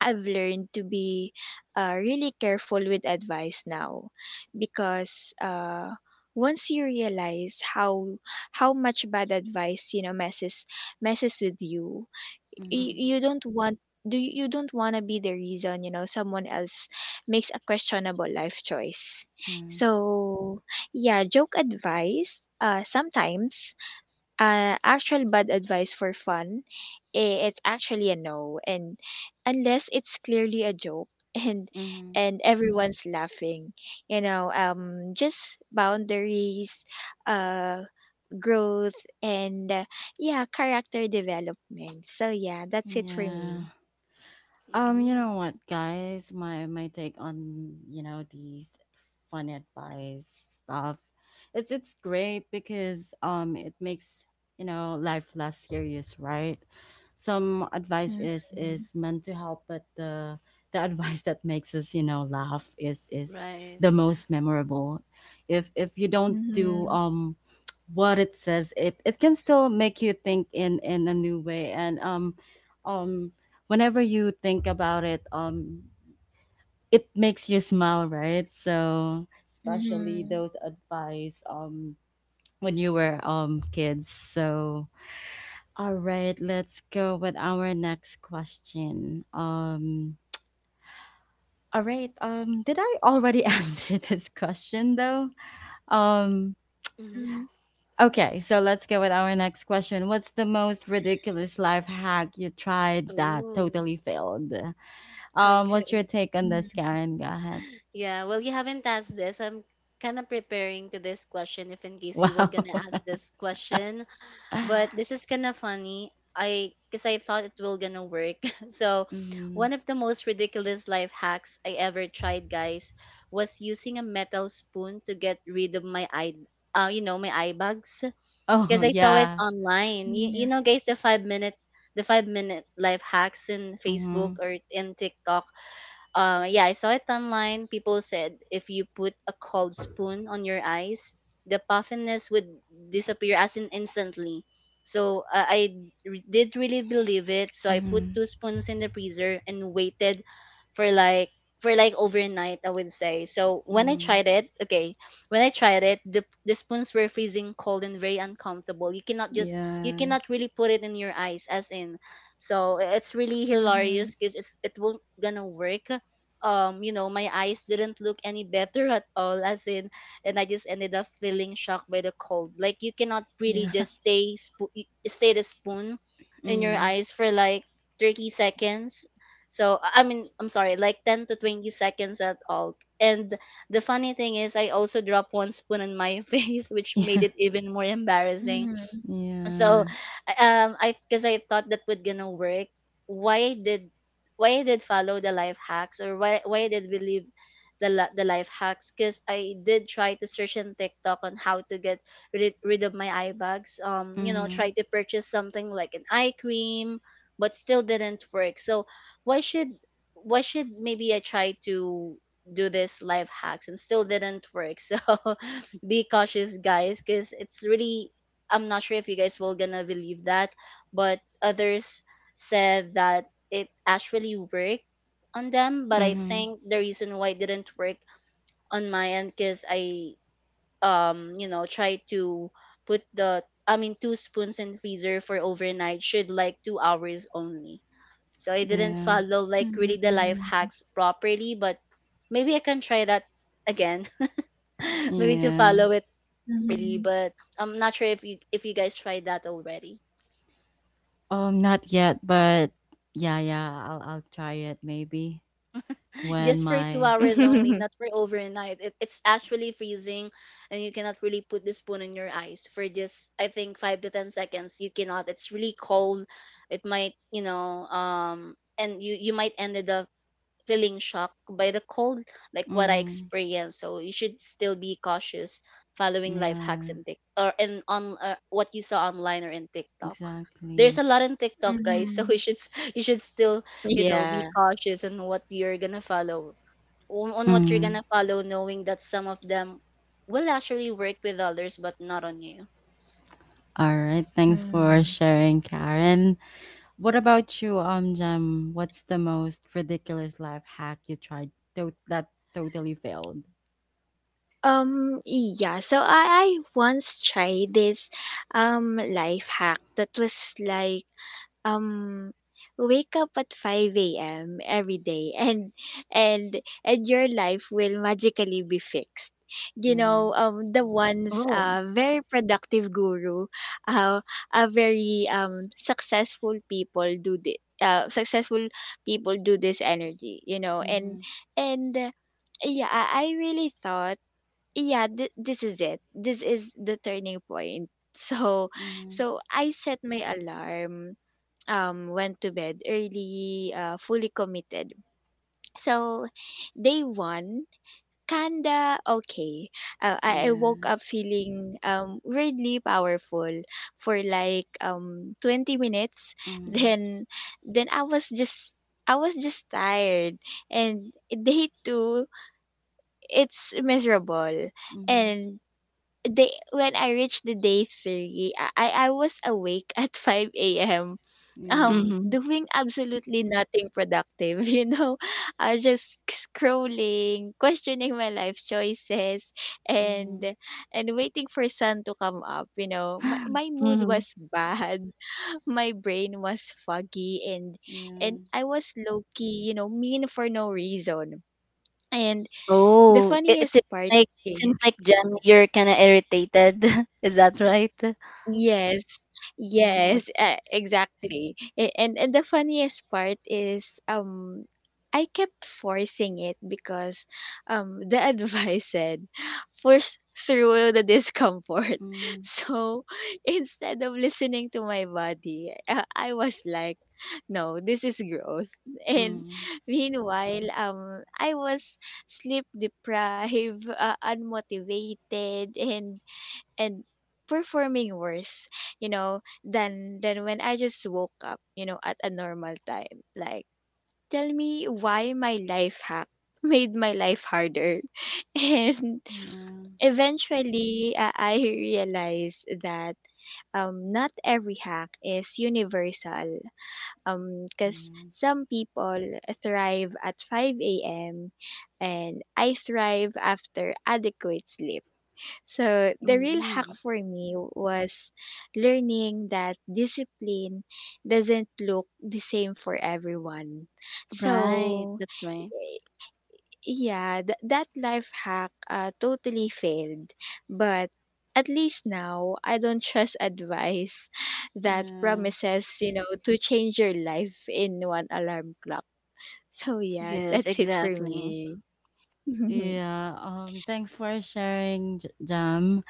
C: I've learned to be really careful with advice now because once you realize how much bad advice messes with you.
A: mhm,
B: Mm-hmm.
A: mhm,
C: You don't want. You don't want to be the reason someone else makes a questionable life choice. So yeah, joke advice, sometimes, actual bad advice for fun, eh, it's actually a no, and unless it's clearly a joke and
A: mhm,
C: and everyone's laughing, you know. Just boundaries, uh, growth, and yeah, character development. So yeah, that's
A: mhm,
C: it for
A: yeah.
C: me.
A: You
B: Mm-hmm.
A: know what, guys? My take on, you know, these fun advice stuff. It's great because it makes, you know, life less serious, right? Some advice is
C: Mm-hmm.
A: is meant to help, but the advice that makes us, you know, laugh is
B: Right.
A: the most memorable. If you don't do
C: Mm-hmm.
A: what it says, it can still make you think in a new way, and um whenever you think about it, it makes you smile, right? So especially
C: Mm-hmm.
A: those advice when you were kids. So all right, let's go with our next question. All right, did I already answer this question though? Um
B: Mm-hmm.
A: okay, so let's go with our next question. What's the most ridiculous life hack you tried that
B: Oh,
A: totally failed? What's
B: okay.
A: your take on this, Karen? Go ahead.
B: Yeah, well, you haven't asked this. I'm kind of preparing to this question if in case you were
A: Wow.
B: gonna ask this question, but this is kind of funny. I because I thought it will gonna work. So,
A: Mhm.
B: one of the most ridiculous life hacks I ever tried, guys, was using a metal spoon to get rid of my eye, you know, my eye bags, because
A: Oh,
B: I saw it
A: yeah.
B: online. You
C: Mm-hmm.
B: know, guys, the 5 minute life hacks in Facebook
A: Mhm.
B: or in TikTok. Yeah, I saw it online. People said if you put a cold spoon on your eyes, the puffiness would disappear as in instantly. So I did really believe it. So I put
A: Mhm.
B: two spoons in the freezer and waited for like for like overnight, I would say. So when I
A: Mhm.
B: tried it, okay, when I tried it, the spoons were freezing cold and very uncomfortable. You cannot just you
A: Yeah.
B: cannot really put it in your eyes, as in, so it's really
C: Mm-hmm.
B: hilarious because it won't gonna work. You know, my eyes didn't look any better at all, as in, and I just ended up feeling shocked by the cold. Like you cannot really
A: Yeah.
B: just stay the spoon in your
A: Mm.
B: eyes for like 30 seconds. So I mean, I'm sorry, like 10 to 20 seconds at all. And the funny thing is I also dropped one spoon in my face, which made
A: Yeah.
B: it even more embarrassing.
C: Mm-hmm.
B: So
A: Yeah.
B: I because I thought that would gonna work, why did why I did follow the life hacks, or why I did believe the life hacks, because I did try to search in TikTok on how to get rid, rid of my eye bags. You know,
A: Mhm.
B: try to purchase something like an eye cream, but still didn't work. So why should maybe I try to do this life hacks, and still didn't work. So be cautious, guys, because it's really, I'm not sure if you guys will gonna believe that, but others said that it actually worked on them. But I
A: Mhm.
B: think the reason why it didn't work on my end because I you know tried to put the, I mean, two spoons in freezer for overnight should like 2 hours only. So I didn't
A: Yeah.
B: follow like really the life
C: Mm-hmm.
B: hacks properly, but maybe I can try that again. Maybe to
A: Yeah.
B: follow it properly.
C: Mm-hmm.
B: But I'm not sure if you guys tried that already.
A: Not yet, but yeah, yeah. I'll try it maybe when
B: Just for two
A: my.
B: hours only, not for overnight. It, it's actually freezing, and you cannot really put the spoon in your eyes for just I think 5 to 10 seconds. You cannot. It's really cold. It might, you know, and you might ended up feeling shocked by the cold, like what I
A: Mhm.
B: experienced. So you should still be cautious following life hacks
A: Yeah.
B: and Tik or and on what you saw online or in TikTok. There's
A: Exactly.
B: a lot in TikTok, guys. So
C: Mm-hmm.
B: you should you should still you know be
C: Yeah.
B: cautious on what you're gonna follow, on what you're
A: Mm.
B: gonna follow, knowing that some of them will actually work with others, but not on you.
A: All right. Thanks for
C: Hmm.
A: sharing, Karen. What about you, Jem? What's the most ridiculous life hack you tried that totally failed?
C: Yeah, so I once tried this life hack that was like, um wake up at 5 a.m. every day, and your life will magically be fixed. You know,
A: Mhm.
C: the one's
B: Oh.
C: very productive guru, uh, a very successful people do this. Successful people do this energy, you know. and
A: Mhm.
C: and yeah, I really thought, yeah, this is it. This is the turning point. So,
A: Mhm.
C: so I set my alarm. Went to bed early. Fully committed. So, day one, kinda okay. I
A: Yeah.
C: woke up feeling weirdly powerful for like 20 minutes.
A: Mhm.
C: Then, then I was just. I was just tired. And day two, it's miserable.
A: Mhm.
C: And they when I reached the day three, I was awake at 5 a.m.
A: Yeah.
B: Mm-hmm.
C: Doing absolutely nothing productive. You know, I was just scrolling, questioning my life choices, and
A: Mhm.
C: and waiting for sun to come up. You know, my mood was bad. My brain was foggy, and
A: Yeah.
C: I was low key. You know, mean for no reason. And the
B: Oh, it
C: funniest part is.
B: seems like Jem, you're kind of irritated. Is that right?
C: Yes,
B: Mm,
C: yes,
B: like-
C: exactly. And the funniest part is, I kept forcing it because the advice said, force through the discomfort.
A: Mhm.
C: So instead of listening to my body, I was like, no, this is growth. And
A: Mhm.
C: meanwhile, I was sleep deprived, unmotivated, and and performing worse, you know, than when I just woke up, you know, at a normal time. Like, tell me why my life hack made my life harder. And
A: Yeah,
C: eventually, I realized that not every hack is universal. Because
A: yeah.
C: some people thrive at 5 a.m. and I thrive after adequate sleep. So the real hack
B: Mm.
C: for me was learning that discipline doesn't look the same for everyone.
A: Mm.
B: Right,
C: So
B: that's right.
C: yeah, that life hack, totally failed. But at least now I don't trust advice that
A: Yeah,
C: promises, you know, to change your life in one alarm clock. So yeah,
B: Yes,
C: that's it for
B: exactly.
C: me. Mm-hmm,
A: yeah. Thanks for sharing, Jam.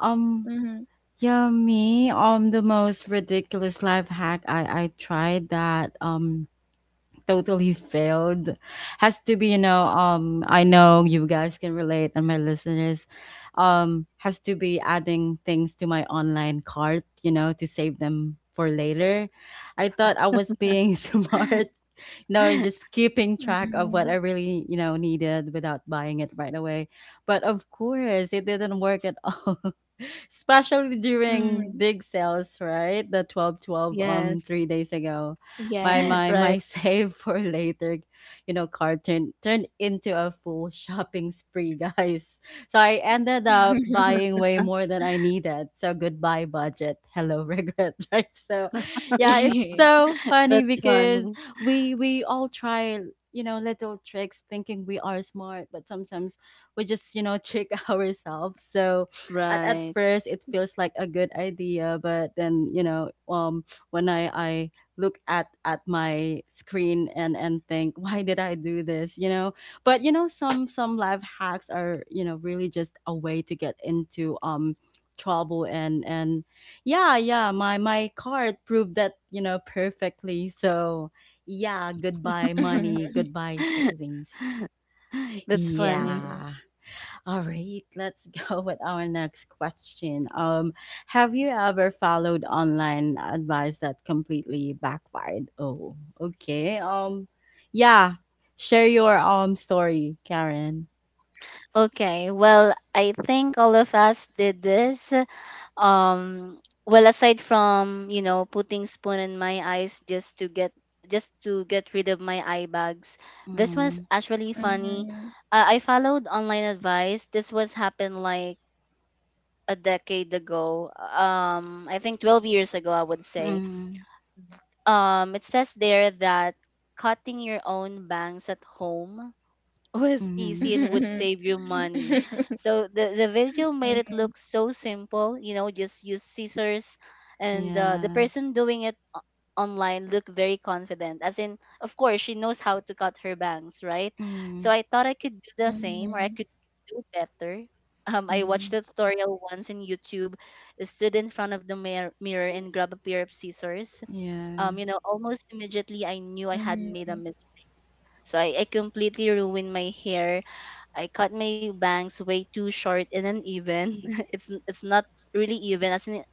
A: Um,
C: mm-hmm,
A: yeah, me. The most ridiculous life hack I tried that totally failed has to be, you know, I know you guys can relate, and my listeners, has to be adding things to my online cart, you know, to save them for later. I thought I was being smart, you know, and just keeping track of what I really, you know, needed without buying it right away. But of course, it didn't work at all. Especially during
C: mm-hmm.
A: big sales, right? The 12, 12,
B: Yes,
A: 3 days ago. My my
C: Yes.
B: right.
A: my save for later, you know, card turned into a full shopping spree, guys. So I ended up
C: Mhm.
A: buying way more than I needed. So goodbye budget, hello regret, right? So yeah, it's so funny
B: That's
A: because
B: funny.
A: we all try, you know, little tricks, thinking we are smart, but sometimes we just, you know, trick ourselves. So at
B: Right.
A: first it feels like a good idea, but then, you know, when I look at my screen and think, why did I do this, you know? But, you know, some life hacks are, you know, really just a way to get into trouble, and yeah, yeah, my card proved that, you know, perfectly. So yeah, goodbye money,
C: Mhm.
A: goodbye savings.
B: That's funny.
C: Mhm.
A: Yeah. All right, let's go with our next question. Have you ever followed online advice that completely backfired? Oh, okay. Yeah. Share your story, Karen.
B: Okay, well, I think all of us did this. um well, aside from you know putting spoon in my eyes just to get rid of my eye bags, this was
A: Mm,
B: actually funny.
C: Mhm.
B: I followed online advice, this was happened like a decade ago, I think 12 years ago, I would say.
A: mm,
B: It says there that cutting your own bangs at home was
A: mm,
B: easy and would
C: Mhm.
B: save you money. So the video made it look
C: Mhm.
B: so simple. You know, just use scissors, and the
A: yeah.
B: person doing it online looked very confident. As in, of course, she knows how to cut her bangs, right? So
A: Mm,
B: I thought I could do the same, or I
C: Mhm.
B: could do better. I watched
A: mm,
B: a tutorial once in YouTube. Stood in front of the mirror and grabbed a pair of scissors.
A: yeah.
B: You know, almost immediately I knew I had made a
C: Mhm.
B: mistake. So I completely ruined my hair. I cut my bangs way too short and uneven. It's not really even, as in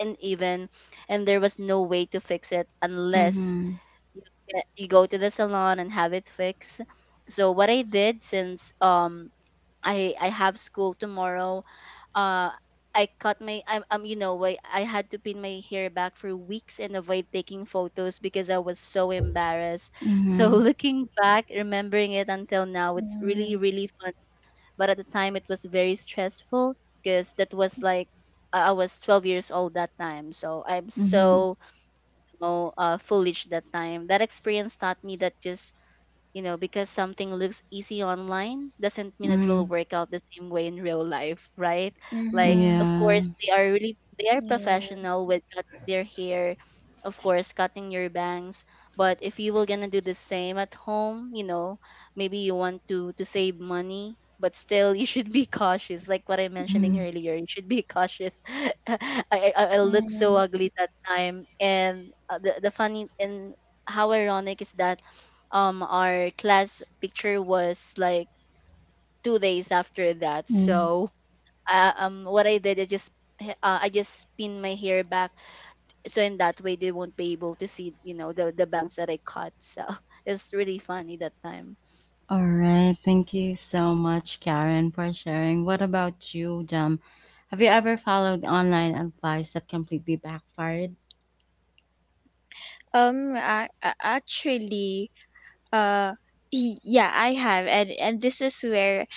B: uneven, and there was no way to fix it unless
A: Mm,
B: you get, you go to the salon and have it fixed. So what I did, since I have school tomorrow, uh I cut my I'm you know, why I had to pin my hair back for weeks and avoid taking photos because I was so embarrassed. So
A: mm,
B: looking back, remembering it until now, it's really
C: Mhm.
B: really fun, but at the time it was very stressful, because that was like I was 12 years old that time. So I'm
A: mm,
B: so you know, foolish that time. That experience taught me that just you know, because something looks easy online doesn't mean it will
A: mm,
B: work out the same way in real life, right? Like,
C: Hmm.
B: of
A: yeah.
B: course, they are really they are
C: Yeah.
B: professional with cut their hair, of course, cutting your bangs. But if you were gonna do the same at home, you know, maybe you want to save money, but still you should be cautious. Like what I mentioning
A: Mm,
B: earlier, you should be cautious. I, I looked so
C: Mhm.
B: ugly that time, and the funny, and how ironic is that our class picture was like 2 days after that.
A: yeah.
B: So what I did, I just I just pin my hair back, so in that way they won't be able to see, you know, the bangs that I cut, so it's really funny that time.
A: All right. Thank you so much, Karen, for sharing. What about you, Jam? Have you ever followed online advice that completely backfired?
C: I actually, uh, I have, and this is where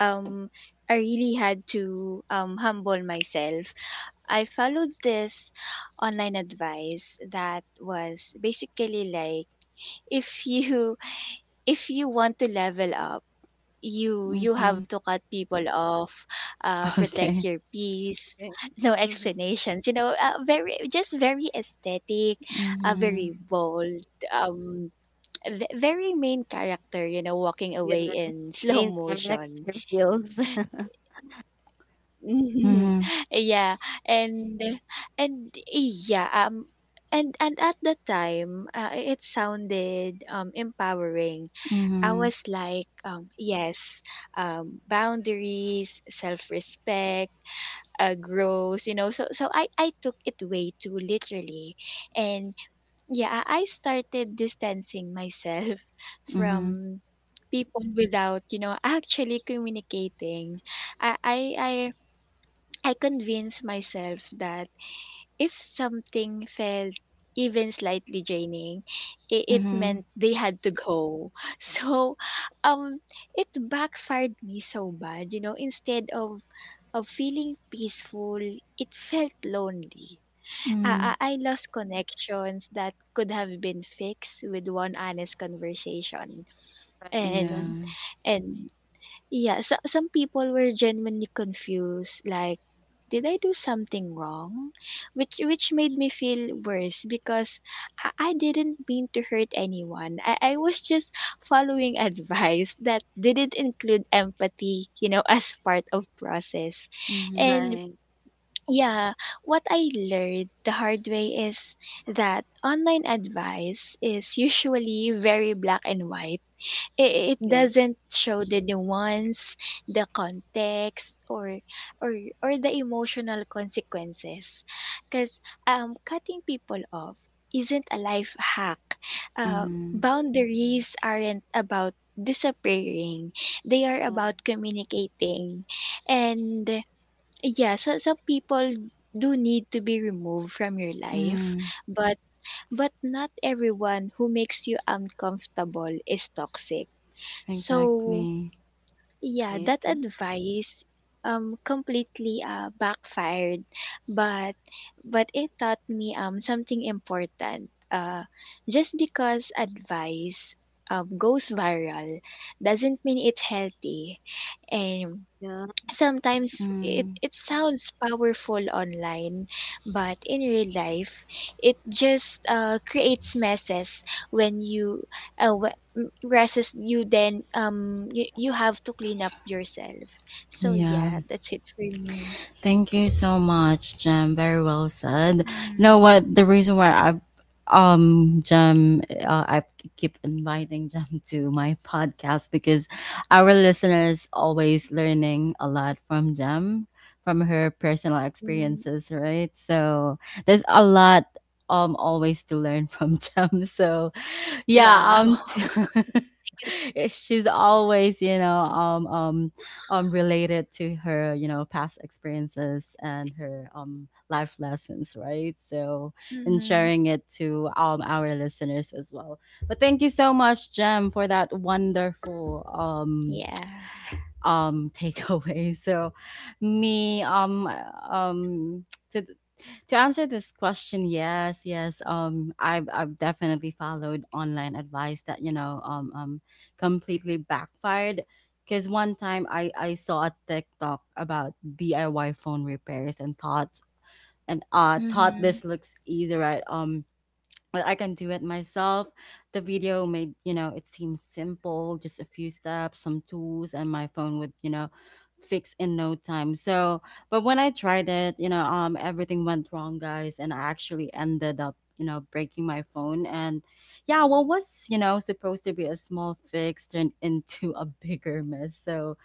C: um I really had to humble myself. I followed this online advice that was basically like, if you if you want to level up, you
A: Mm-hmm.
C: have to cut people off, protect
A: Okay.
C: your peace.
B: Okay.
C: No
B: Mm-hmm.
C: explanations, you know. Very, just very aesthetic,
A: Mm-hmm.
C: very bold, um, very main character. You know, walking away
B: Yeah.
C: in slow
B: Main
C: motion.
B: character feels.
A: Mm-hmm.
C: Yeah, and and yeah, and at the time, it sounded empowering. I
A: Mm-hmm.
C: was like, yes, boundaries, self respect, growth, you know. So, so I took it way too literally. And yeah, I started distancing myself
A: Mm-hmm.
C: from people without, you know, actually communicating. I, I, I, I convinced myself that if something felt even slightly draining, it
A: Mm-hmm.
C: meant they had to go. So, um, it backfired me so bad. You know, instead of feeling peaceful, it felt lonely.
A: Mm-hmm.
C: I lost connections that could have been fixed with one honest conversation.
A: Yeah.
B: Right.
C: And and yeah, so, some people were genuinely confused, like, did I do something wrong? Which made me feel worse because I didn't mean to hurt anyone. I was just following advice that didn't include empathy, you know, as part of process.
A: Mm-hmm.
C: And
B: Right.
C: yeah, what I learned the hard way is that online advice is usually very black and white. It
B: Yes.
C: doesn't show the nuance, the context, or or or the emotional consequences. Because cutting people off isn't a life hack. Uh,
A: Mm-hmm.
C: boundaries aren't about disappearing; they are
B: Yes,
C: about communicating. And yeah, so some people do need to be removed from your life,
A: Mm-hmm.
C: but not everyone who makes you uncomfortable is toxic. So,
A: Exactly.
C: yeah, that
B: right.
C: advice completely backfired, but it taught me something important. Uh, just because advice goes viral doesn't mean it's healthy. And
B: Yeah.
C: sometimes it,
A: Mm.
C: it sounds powerful online, but in real life, it just creates messes when messes you then you, you have to clean up yourself. So
A: Yeah.
C: yeah, that's it for me.
A: Thank you so much, Jem. Very well said. You know what?
C: Mhm.
A: The reason why I've Jem, I keep inviting Jem to my podcast because our listeners always learning a lot from Jem, from her personal
C: Mm.
A: experiences, right? So there's a lot always to learn from Jem. So yeah.
C: Wow.
B: Good,
A: She's
B: yes,
A: always, you know, related to her, you know, past experiences and her life lessons, right? So and
C: Mm-hmm.
A: sharing it to our listeners as well. But thank you so much, Jem, for that wonderful
C: Yeah.
A: takeaway. So me. Um to to answer this question, yes, yes, I've definitely followed online advice that, you know, completely backfired, because one time I saw a TikTok about DIY phone repairs and thought, and thought,
C: Mm-hmm.
A: this looks easy, right? Well, I can do it myself. The video made, you know, it seems simple, just a few steps, some tools, and my phone would, you know, fix in no time. So, but when I tried it, you know, everything went wrong, guys, and I actually ended up, you know, breaking my phone. And yeah, what was, you know, supposed to be a small fix turned into a bigger mess. So,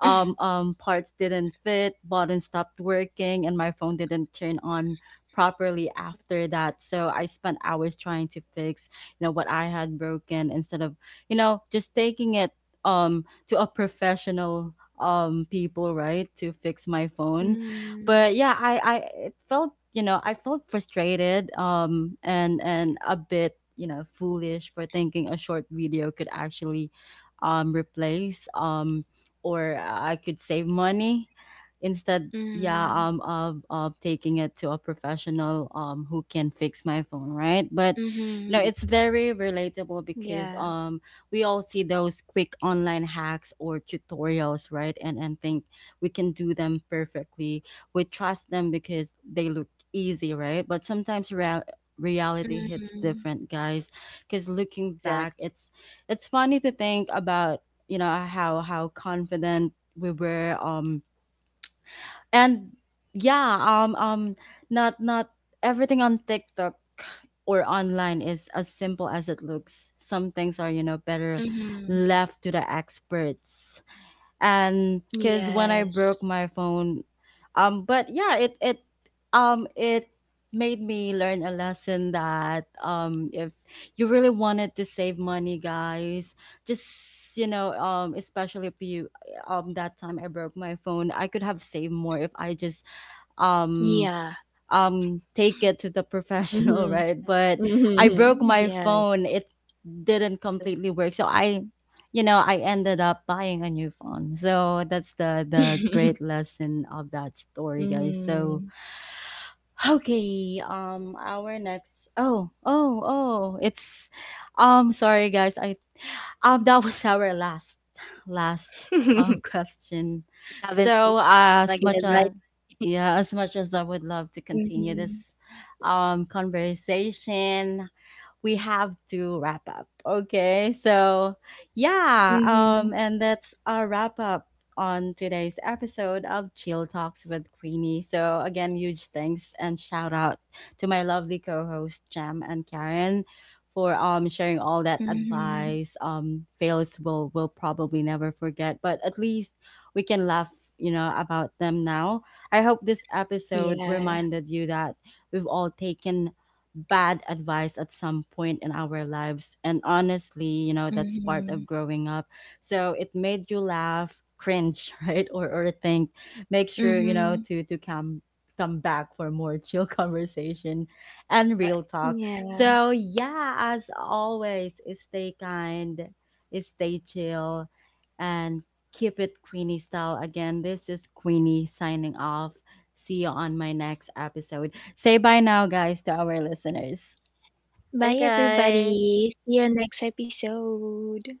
A: parts didn't fit, buttons stopped working, and my phone didn't turn on properly after that. So I spent hours trying to fix, you know, what I had broken instead of, you know, just taking it to a professional people, right, to fix my phone. But yeah, I it felt, you know, I felt frustrated and a bit, you know, foolish for thinking a short video could actually replace, or I could save money instead.
C: Mm-hmm.
A: Yeah, of taking it to a professional who can fix my phone, right? But you know,
C: Mm-hmm.
B: right.
A: it's very relatable because,
C: Yeah.
A: we all see those quick online hacks or tutorials, right, and think we can do them perfectly. We trust them because they look easy, right, but sometimes reality hits
C: Mm-hmm.
A: different, guys. Because looking
B: Exactly.
A: back, it's funny to think about, you know, how confident we were, and yeah, not everything on TikTok or online is as simple as it looks. Some things are, you know, better
C: Mm-hmm.
A: left to the experts. And because when I
C: Yes.
A: broke my phone, but yeah, it made me learn a lesson that, if you really wanted to save money, guys, just, you know, especially if you, that time I broke my phone, I could have saved more if I just um
C: Yeah.
A: take it to the professional,
C: Mhm.
A: right? But I broke
C: Mhm.
A: my
C: Yeah.
A: phone, it didn't completely work, so I, you know, I ended up buying a new phone. So that's the great lesson of that story, guys. So
C: Mhm.
A: okay, our next oh oh, oh, it's sorry, guys, I that was our last question.
B: Haven't
A: So
B: noticed the time
A: as
B: again,
A: much
B: right.
A: as yeah, as much as I would love to continue
C: Mhm.
A: this conversation, we have to wrap up. Okay. So, yeah.
C: Mhm.
A: And that's our wrap up on today's episode of Chill Talks with Queenie. So, again, huge thanks and shout out to my lovely co hosts Jam and Karen. For sharing all that
C: Mhm.
A: advice, fails will probably never forget, but at least we can laugh, you know, about them now. I hope this episode
C: Yeah.
A: reminded you that we've all taken bad advice at some point in our lives. And honestly, you know, that's part of
C: Mhm.
A: growing up. So it made you laugh, cringe, right? Or think. Make sure, you know,
C: Mhm.
A: to come back for more chill conversation and
B: Right.
A: real talk.
C: Yeah.
A: So yeah, as always, stay kind, stay chill, and keep it Queenie style. Again, this is Queenie signing off. See you on my next episode. Say bye now, guys, to our listeners.
B: Bye,
C: Bye
B: guys.
C: everybody. See you next episode.